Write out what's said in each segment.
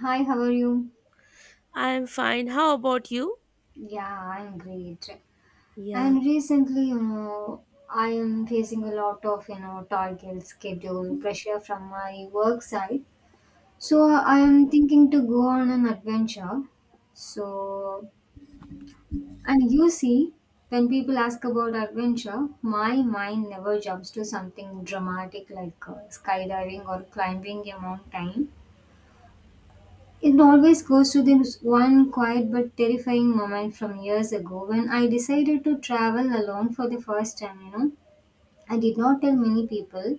Hi, how are you? I'm fine. How about you? Yeah, I'm great. Yeah. And recently, I am facing a lot of, target schedule pressure from my work side. So I am thinking to go on an adventure. So, and you see, when people ask about adventure, my mind never jumps to something dramatic like skydiving or climbing a mountain. It always goes to this one quiet but terrifying moment from years ago when I decided to travel alone for the first time. I did not tell many people.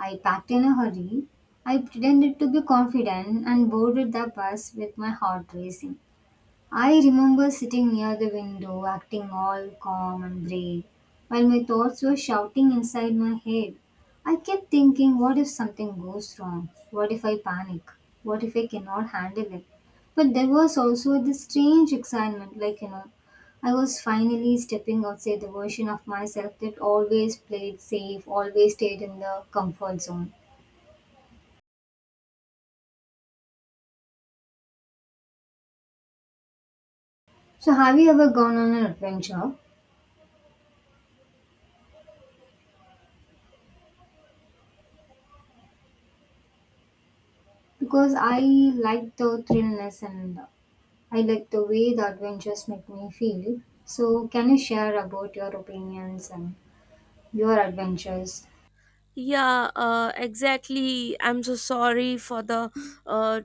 I packed in a hurry. I pretended to be confident and boarded the bus with my heart racing. I remember sitting near the window, acting all calm and brave, while my thoughts were shouting inside my head. I kept thinking, what if something goes wrong? What if I panic? What if I cannot handle it? But there was also this strange excitement, like, I was finally stepping outside the version of myself that always played safe, always stayed in the comfort zone. So, have you ever gone on an adventure? Because I like the thrillness and I like the way the adventures make me feel. So, can you share about your opinions and your adventures? Yeah, exactly. I'm so sorry for the uh,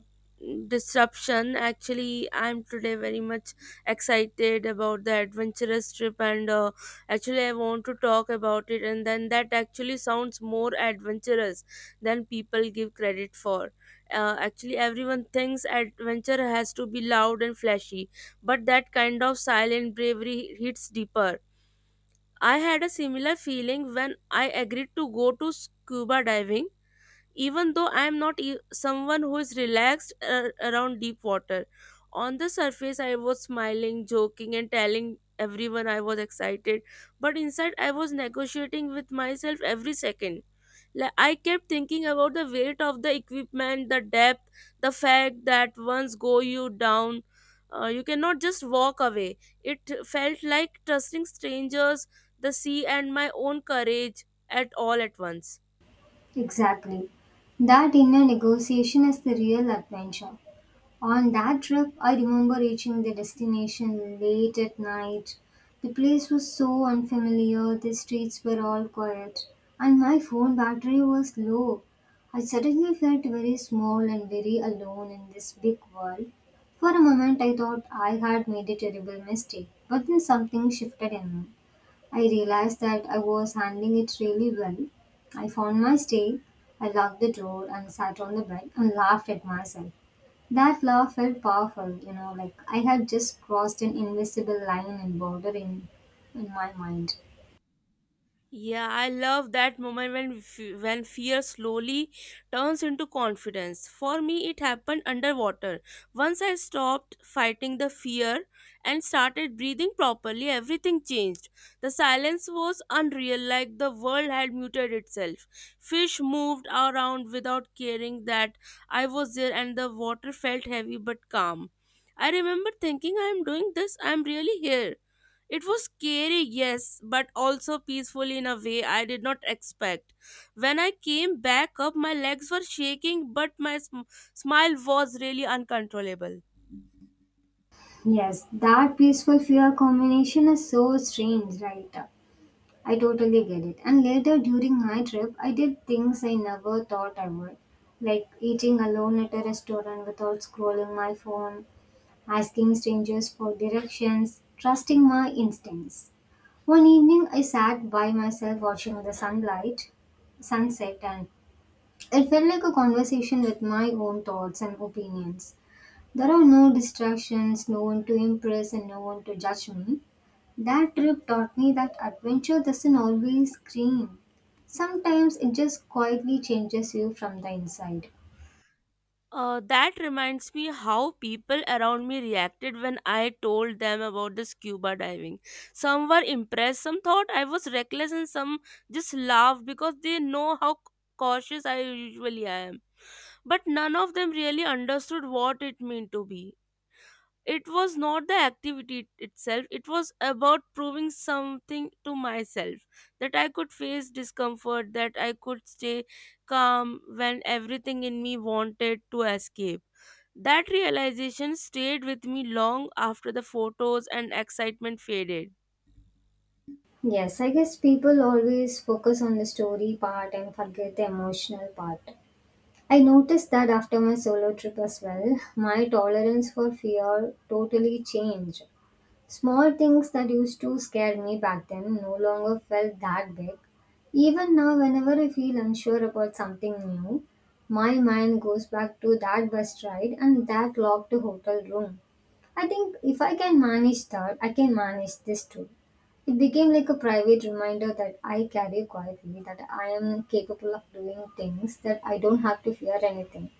disruption. Actually, I'm today very much excited about the adventurous trip, and actually, I want to talk about it. And then that actually sounds more adventurous than people give credit for. Actually, everyone thinks adventure has to be loud and flashy, but that kind of silent bravery hits deeper. I had a similar feeling when I agreed to go to scuba diving, even though I am not someone who is relaxed around deep water. On the surface, I was smiling, joking, and telling everyone I was excited, but inside, I was negotiating with myself every second. Like, I kept thinking about the weight of the equipment, the depth, the fact that once go you down, you cannot just walk away. It felt like trusting strangers, the sea, and my own courage at all at once. Exactly. That inner negotiation is the real adventure. On that trip, I remember reaching the destination late at night. The place was so unfamiliar, the streets were all quiet, and my phone battery was low. I suddenly felt very small and very alone in this big world. For a moment, I thought I had made a terrible mistake, but then something shifted in me. I realized that I was handling it really well. I found my stay, I locked the door and sat on the bed and laughed at myself. That laugh felt powerful, you know, like I had just crossed an invisible line and border in my mind. Yeah, I love that moment when fear slowly turns into confidence. For me, it happened underwater. Once I stopped fighting the fear and started breathing properly, everything changed. The silence was unreal, like the world had muted itself. Fish moved around without caring that I was there, and the water felt heavy but calm. I remember thinking, I am doing this, I am really here. It was scary, yes, but also peaceful in a way I did not expect. When I came back up, my legs were shaking, but my smile was really uncontrollable. Yes, that peaceful fear combination is so strange, right? I totally get it. And later during my trip, I did things I never thought I would, like eating alone at a restaurant without scrolling my phone, asking strangers for directions, trusting my instincts. One evening, I sat by myself watching the sunlight, sunset, and it felt like a conversation with my own thoughts and opinions. There are no distractions, no one to impress, and no one to judge me. That trip taught me that adventure doesn't always scream. Sometimes it just quietly changes you from the inside. That reminds me how people around me reacted when I told them about the scuba diving. Some were impressed, some thought I was reckless, and some just laughed because they know how cautious I usually am. But none of them really understood what it meant to be. It was not the activity itself. It was about proving something to myself, that I could face discomfort, that I could stay calm when everything in me wanted to escape. That realization stayed with me long after the photos and excitement faded. Yes, I guess people always focus on the story part and forget the emotional part. I noticed that after my solo trip as well, my tolerance for fear totally changed. Small things that used to scare me back then no longer felt that big. Even now, whenever I feel unsure about something new, my mind goes back to that bus ride and that locked hotel room. I think if I can manage that, I can manage this too. It became like a private reminder that I carry quietly, that I am capable of doing things, that I don't have to fear anything.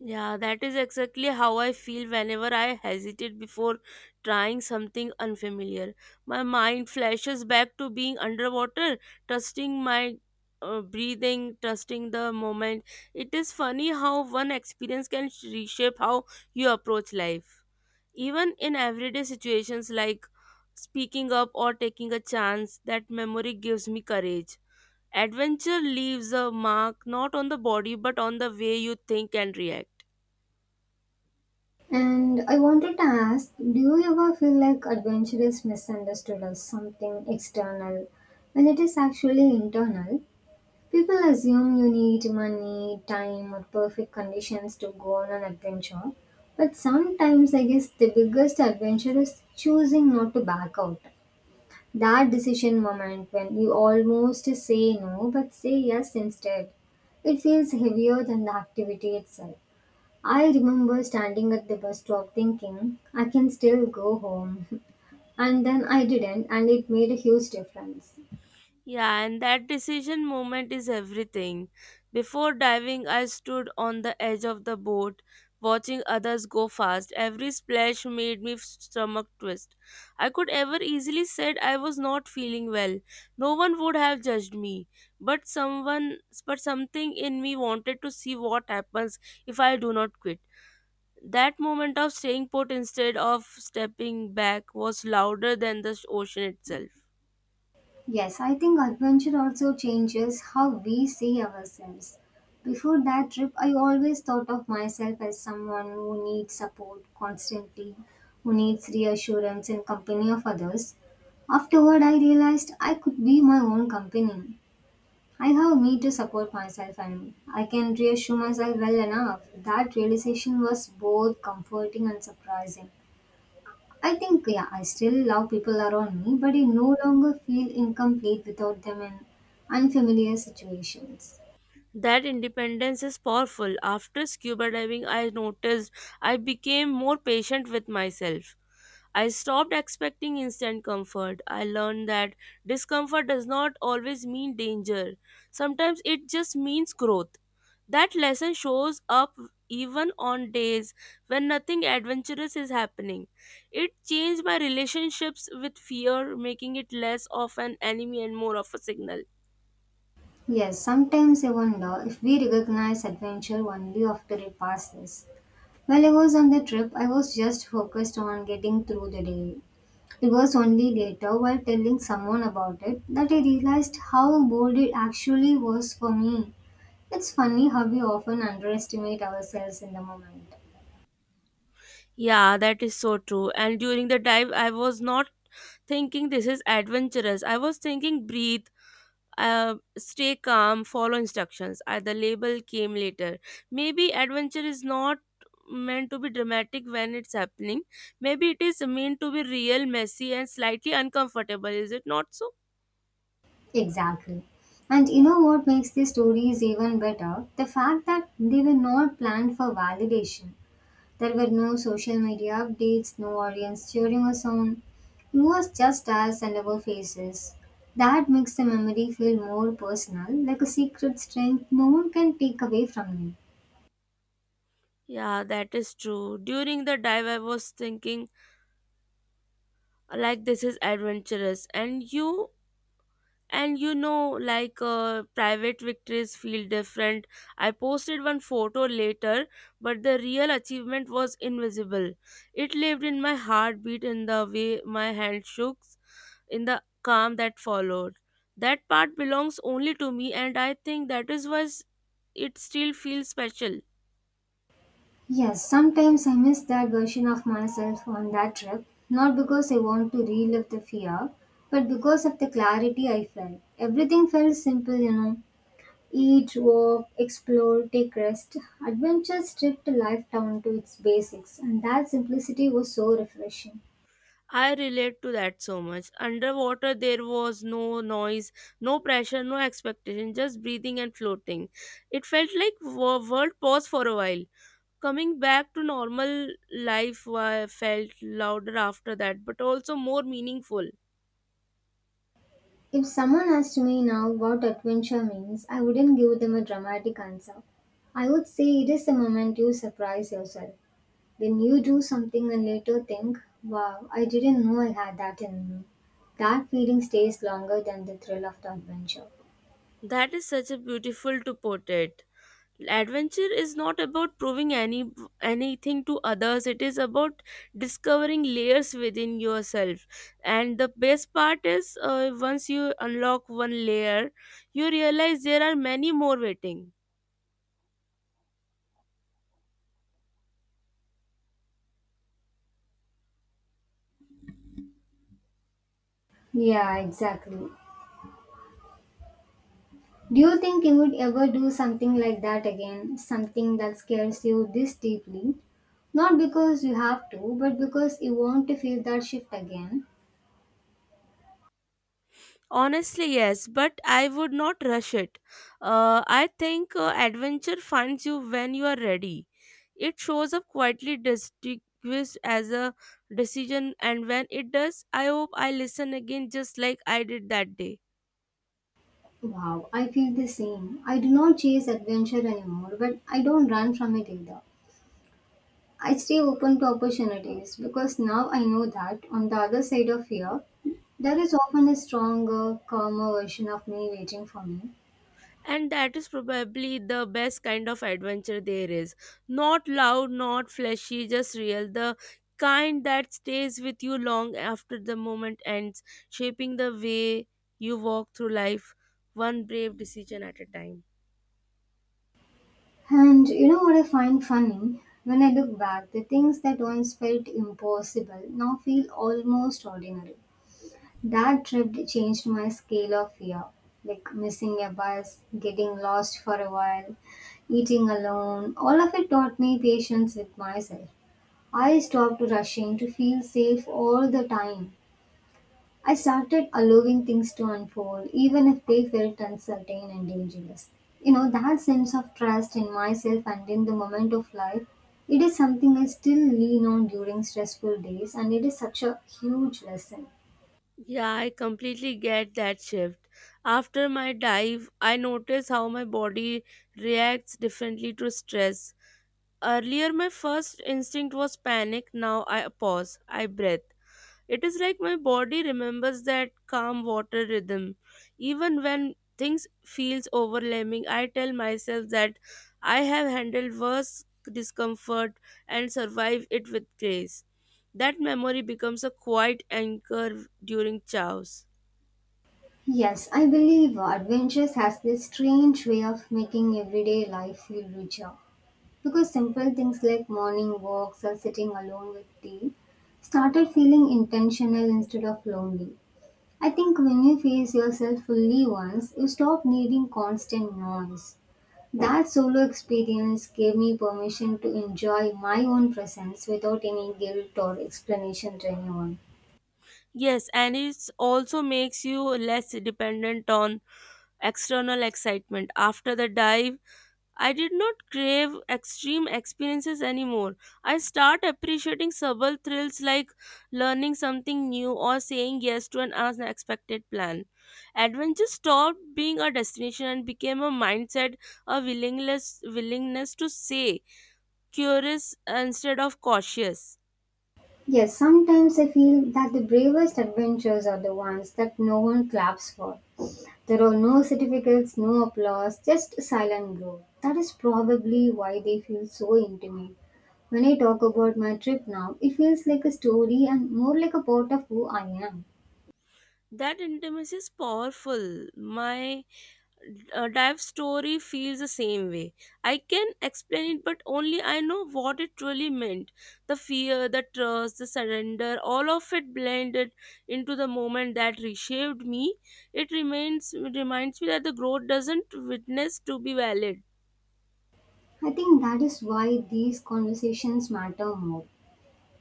Yeah, that is exactly how I feel whenever I hesitate before trying something unfamiliar. My mind flashes back to being underwater, trusting my breathing, trusting the moment. It is funny how one experience can reshape how you approach life. Even in everyday situations like speaking up or taking a chance, that memory gives me courage. Adventure leaves a mark not on the body but on the way you think and react. And I wanted to ask, do you ever feel like adventure is misunderstood as something external when it is actually internal? People assume you need money, time, or perfect conditions to go on an adventure. But sometimes, I guess, the biggest adventure is choosing not to back out. That decision moment when you almost say no but say yes instead. It feels heavier than the activity itself. I remember standing at the bus stop thinking, I can still go home. And then I didn't, and it made a huge difference. Yeah, and that decision moment is everything. Before diving, I stood on the edge of the boat, watching others go fast. Every splash made me stomach twist. I could ever easily said I was not feeling well. No one would have judged me, but someone, but something in me wanted to see what happens if I do not quit. That moment of staying put instead of stepping back was louder than the ocean itself. Yes, I think adventure also changes how we see ourselves. Before that trip, I always thought of myself as someone who needs support constantly, who needs reassurance and company of others. Afterward, I realized I could be my own company. I have me to support myself and I can reassure myself well enough. That realization was both comforting and surprising. I think, yeah, I still love people around me, but I no longer feel incomplete without them in unfamiliar situations. That independence is powerful. After scuba diving, I noticed I became more patient with myself. I stopped expecting instant comfort. I learned that discomfort does not always mean danger. Sometimes it just means growth. That lesson shows up even on days when nothing adventurous is happening. It changed my relationships with fear, making it less of an enemy and more of a signal. Yes, sometimes I wonder if we recognize adventure only after it passes. While I was on the trip, I was just focused on getting through the day. It was only later, while telling someone about it, that I realized how bold it actually was for me. It's funny how we often underestimate ourselves in the moment. Yeah, that is so true. And during the dive, I was not thinking this is adventurous. I was thinking breathe, stay calm, follow instructions. The label came later. Maybe adventure is not meant to be dramatic when it's happening. Maybe it is meant to be real, messy, and slightly uncomfortable. Is it not so? Exactly. And you know what makes these stories even better? The fact that they were not planned for validation. There were no social media updates, no audience cheering us on. It was just us and our faces. That makes the memory feel more personal, like a secret strength no one can take away from me. Yeah, that is true. During the dive, I was thinking like this is adventurous, and you know like private victories feel different. I posted one photo later, but the real achievement was invisible. It lived in my heartbeat, in the way my hand shook, in the calm that followed. That part belongs only to me, and I think that is why it still feels special. Yes, sometimes I miss that version of myself on that trip, not because I want to relive the fear, but because of the clarity I felt. Everything felt simple, you know. Eat, walk, explore, take rest. Adventure stripped life down to its basics, and that simplicity was so refreshing. I relate to that so much. Underwater, there was no noise, no pressure, no expectation, just breathing and floating. It felt like world paused for a while. Coming back to normal life felt louder after that, but also more meaningful. If someone asked me now what adventure means, I wouldn't give them a dramatic answer. I would say it is the moment you surprise yourself. When you do something and later think, wow, I didn't know I had that in me. That feeling stays longer than the thrill of the adventure. That is such a beautiful to put it. Adventure is not about proving anything to others. It is about discovering layers within yourself. And the best part is, once you unlock one layer, you realize there are many more waiting. Yeah, exactly. Do you think you would ever do something like that again? Something that scares you this deeply? Not because you have to, but because you want to feel that shift again. Honestly, yes, but I would not rush it. I think adventure finds you when you are ready. It shows up quietly distinguished as a decision, and when it does, I hope I listen again just like I did that day. Wow, I feel the same. I do not chase adventure anymore, but I don't run from it either. I stay open to opportunities because now I know that on the other side of fear, there is often a stronger, calmer version of me waiting for me. And that is probably the best kind of adventure there is. Not loud, not flashy, just real. The kind that stays with you long after the moment ends, shaping the way you walk through life, one brave decision at a time. And you know what I find funny? When I look back, the things that once felt impossible now feel almost ordinary. That trip changed my scale of fear, like missing a bus, getting lost for a while, eating alone. All of it taught me patience with myself. I stopped rushing to feel safe all the time. I started allowing things to unfold, even if they felt uncertain and dangerous. You know, that sense of trust in myself and in the moment of life, it is something I still lean on during stressful days, and it is such a huge lesson. Yeah, I completely get that shift. After my dive, I notice how my body reacts differently to stress. Earlier, my first instinct was panic. Now I pause, I breathe. It is like my body remembers that calm water rhythm. Even when things feels overwhelming, I tell myself that I have handled worse discomfort and survived it with grace. That memory becomes a quiet anchor during chows. Yes, I believe Adventures has this strange way of making everyday life feel richer. Because simple things like morning walks or sitting alone with tea started feeling intentional instead of lonely. I think when you face yourself fully once, you stop needing constant noise. That solo experience gave me permission to enjoy my own presence without any guilt or explanation to anyone. Yes, and it also makes you less dependent on external excitement. After the dive, I did not crave extreme experiences anymore. I start appreciating subtle thrills like learning something new or saying yes to an unexpected plan. Adventure stopped being a destination and became a mindset, a willingness to say curious instead of cautious. Yes, sometimes I feel that the bravest adventures are the ones that no one claps for. There are no certificates, no applause, just silent growth. That is probably why they feel so intimate. When I talk about my trip now, it feels like a story and more like a part of who I am. That intimacy is powerful. My dive story feels the same way. I can explain it, but only I know what it truly meant. The fear, the trust, the surrender, all of it blended into the moment that reshaped me. It remains it reminds me that the growth doesn't witness to be valid. I think that is why these conversations matter more.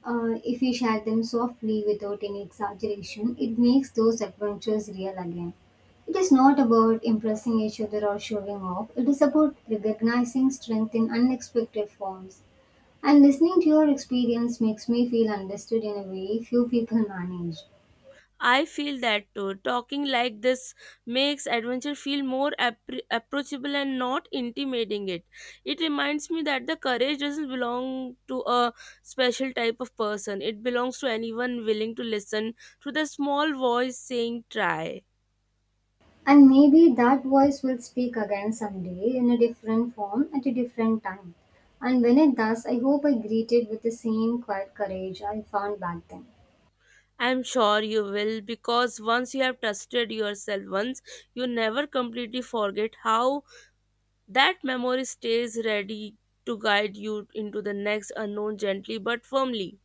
If we share them softly without any exaggeration, it makes those adventures real again. It is not about impressing each other or showing off, it is about recognizing strength in unexpected forms. And listening to your experience makes me feel understood in a way few people manage. I feel that too. Talking like this makes adventure feel more appre approachable and not intimidating it. It reminds me that the courage doesn't belong to a special type of person. It belongs to anyone willing to listen to the small voice saying try. And maybe that voice will speak again someday in a different form at a different time. And when it does, I hope I greet it with the same quiet courage I found back then. I'm sure you will, because once you have trusted yourself once, you never completely forget how that memory stays ready to guide you into the next unknown gently but firmly.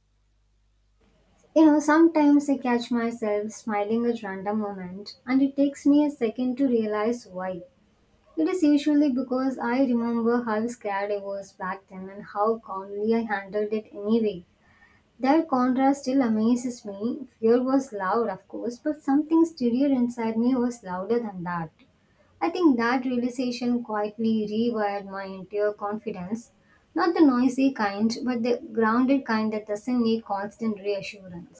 You know, sometimes I catch myself smiling at random moments, and it takes me a second to realize why. It is usually because I remember how scared I was back then and how calmly I handled it anyway. That contrast still amazes me. Fear was loud, of course, but something sturdier inside me was louder than that. I think that realization quietly rewired my entire confidence. Not the noisy kind, but the grounded kind that doesn't need constant reassurance.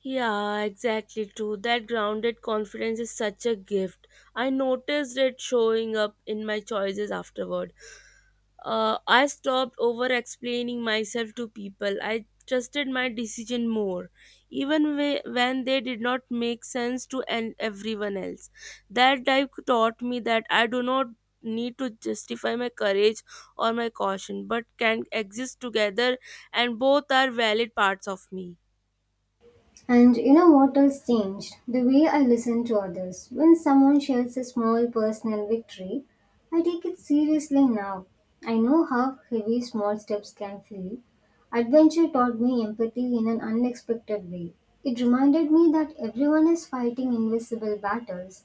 Yeah, exactly true. That grounded confidence is such a gift. I noticed it showing up in my choices afterward. I stopped over explaining myself to people. I trusted my decision more, even when they did not make sense to everyone else. That dive taught me that I do not need to justify my courage or my caution, but can exist together, and both are valid parts of me. And you know what else changed? The way I listen to others. When someone shares a small personal victory, I take it seriously now. I know how heavy small steps can feel. Adventure taught me empathy in an unexpected way. It reminded me that everyone is fighting invisible battles,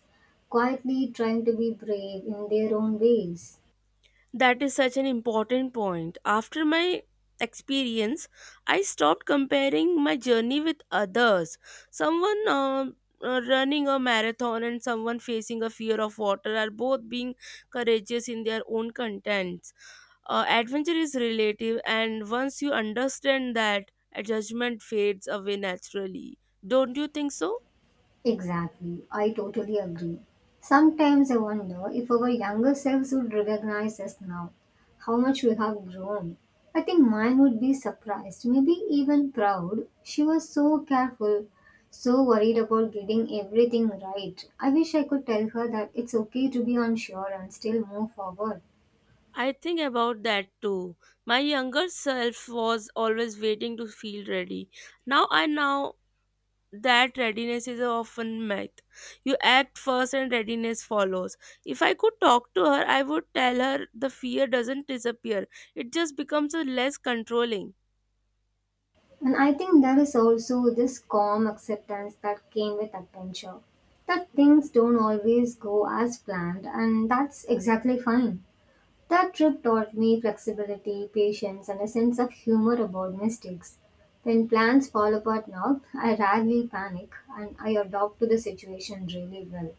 quietly trying to be brave in their own ways. That is such an important point. After my experience, I stopped comparing my journey with others. Someone running a marathon and someone facing a fear of water are both being courageous in their own contents. Adventure is relative, and once you understand that, a judgment fades away naturally. Don't you think so? Exactly, I totally agree. Sometimes I wonder if our younger selves would recognize us now, how much we have grown. I think mine would be surprised, maybe even proud. She was so careful, so worried about getting everything right. I wish I could tell her that it's okay to be unsure and still move forward. I think about that too. My younger self was always waiting to feel ready. Now I know that readiness is often myth. You act first and readiness follows. If I could talk to her, I would tell her the fear doesn't disappear, it just becomes a less controlling. And I think there is also this calm acceptance that came with adventure that things don't always go as planned, and that's exactly fine. That trip taught me flexibility, patience, and a sense of humor about mistakes. When plans fall apart now, I rarely panic and I adapt to the situation really well.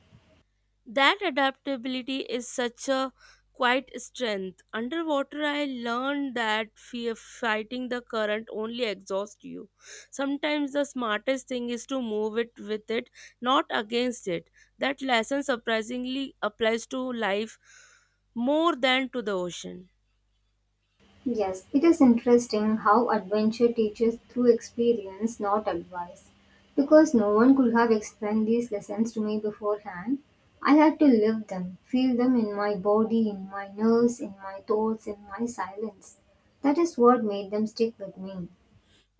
That adaptability is such a quiet strength. Underwater, I learned that fear fighting the current only exhausts you. Sometimes the smartest thing is to move it with it, not against it. That lesson surprisingly applies to life more than to the ocean. Yes, it is interesting how adventure teaches through experience, not advice. Because no one could have explained these lessons to me beforehand, I had to live them, feel them in my body, in my nerves, in my thoughts, in my silence. That is what made them stick with me.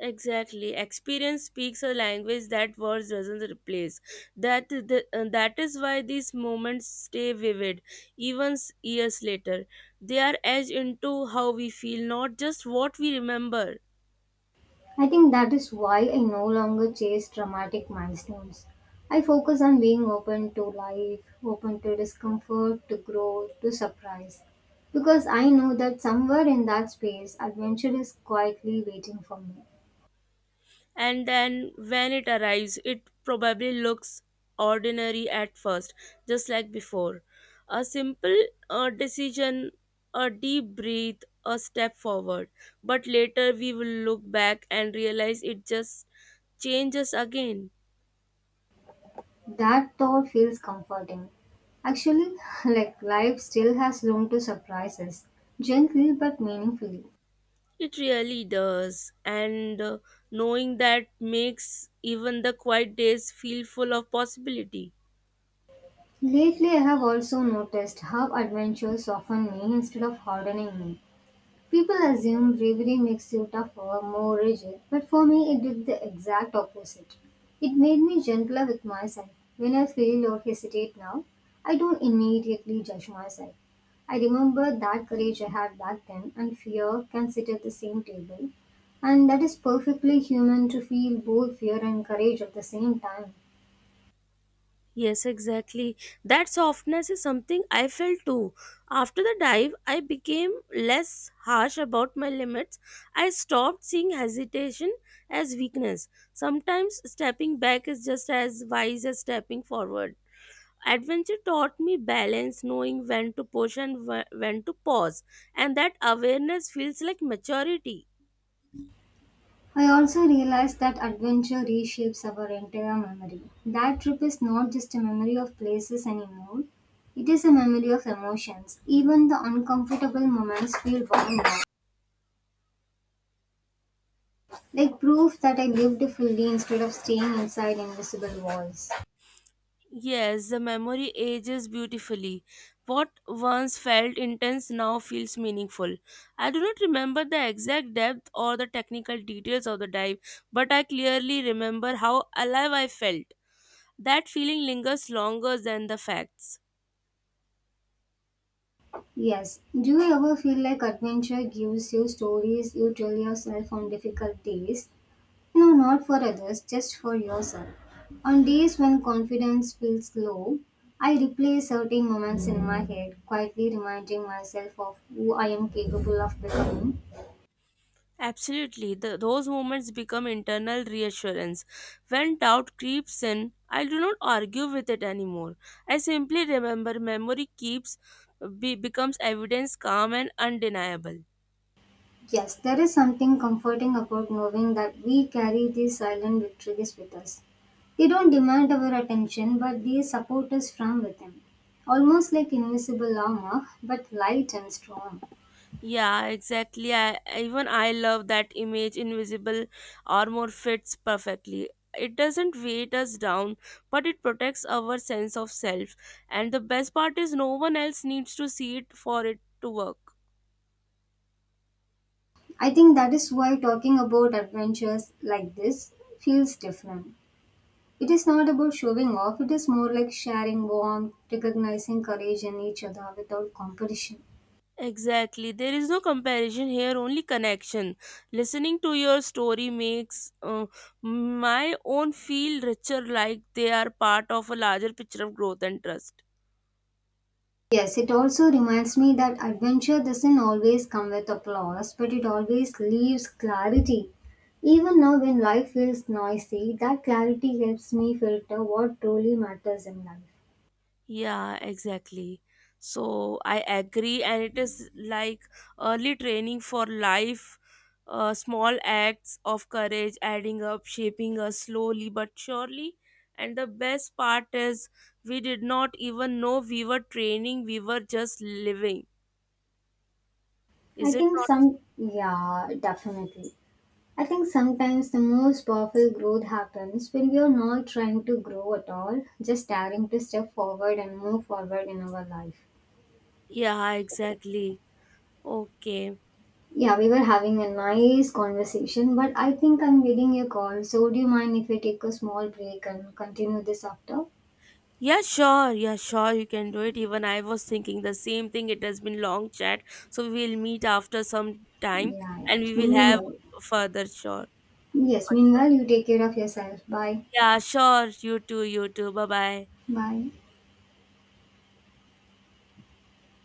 Exactly. Experience speaks a language that words doesn't replace. That is why these moments stay vivid even years later. They are edged into how we feel, not just what we remember. I think that is why I no longer chase dramatic milestones. I focus on being open to life, open to discomfort, to growth, to surprise. Because I know that somewhere in that space, adventure is quietly waiting for me. And then when it arrives, it probably looks ordinary at first, just like before. A simple decision, a deep breath, a step forward, but later we will look back and realize it just changes again. That thought feels comforting. Actually, like life still has room to surprise us, gently but meaningfully. It really does, and knowing that makes even the quiet days feel full of possibility. Lately, I have also noticed how adventure soften me instead of hardening me. People assume bravery makes you tougher, more rigid, but for me it did the exact opposite. It made me gentler with myself. When I feel or hesitate now, I don't immediately judge myself. I remember that courage I had back then, and fear can sit at the same table. And that is perfectly human to feel both fear and courage at the same time. Yes, exactly. That softness is something I felt too. After the dive, I became less harsh about my limits. I stopped seeing hesitation as weakness. Sometimes stepping back is just as wise as stepping forward. Adventure taught me balance, knowing when to push and when to pause, and that awareness feels like maturity. I also realized that adventure reshapes our entire memory. That trip is not just a memory of places anymore, it is a memory of emotions. Even the uncomfortable moments feel warm now, like proof that I lived fully instead of staying inside invisible walls. Yes, the memory ages beautifully. What once felt intense now feels meaningful. I do not remember the exact depth or the technical details of the dive, but I clearly remember how alive I felt. That feeling lingers longer than the facts. Yes, do you ever feel like adventure gives you stories you tell yourself on difficult days? No, not for others, just for yourself. On days when confidence feels low, I replay certain moments in my head, quietly reminding myself of who I am capable of becoming. Absolutely, those moments become internal reassurance. When doubt creeps in, I do not argue with it anymore. I simply remember memory keeps becomes evidence calm and undeniable. Yes, there is something comforting about knowing that we carry these silent victories with us. They don't demand our attention, but they support us from within. Almost like invisible armor, but light and strong. Yeah, exactly. Even I love that image. Invisible armor fits perfectly. It doesn't weight us down, but it protects our sense of self. And the best part is, no one else needs to see it for it to work. I think that is why talking about adventures like this feels different. It is not about showing off, it is more like sharing warmth, recognizing courage in each other without competition. Exactly. There is no comparison here, only connection. Listening to your story makes my own feel richer, like they are part of a larger picture of growth and trust. Yes, it also reminds me that adventure doesn't always come with applause, but it always leaves clarity. Even now, when life feels noisy, that clarity helps me filter what truly matters in life. Yeah, exactly. So I agree, and it is like early training for life. Small acts of courage adding up, shaping us slowly but surely. And the best part is, we did not even know we were training, we were just living. Is it not? Yeah, definitely. I think sometimes the most powerful growth happens when we are not trying to grow at all, just daring to step forward and move forward in our life. Yeah, exactly. Okay. Yeah, we were having a nice conversation, but I think I'm getting a call. So, would you mind if we take a small break and continue this after? Yeah, sure. Yeah, sure. You can do it. Even I was thinking the same thing. It has been long chat, so we will meet after some time Yeah, yeah. and we So, will have further sure. Meanwhile, you take care of yourself. Bye. Yeah, sure. You too. You too. Bye bye. Bye.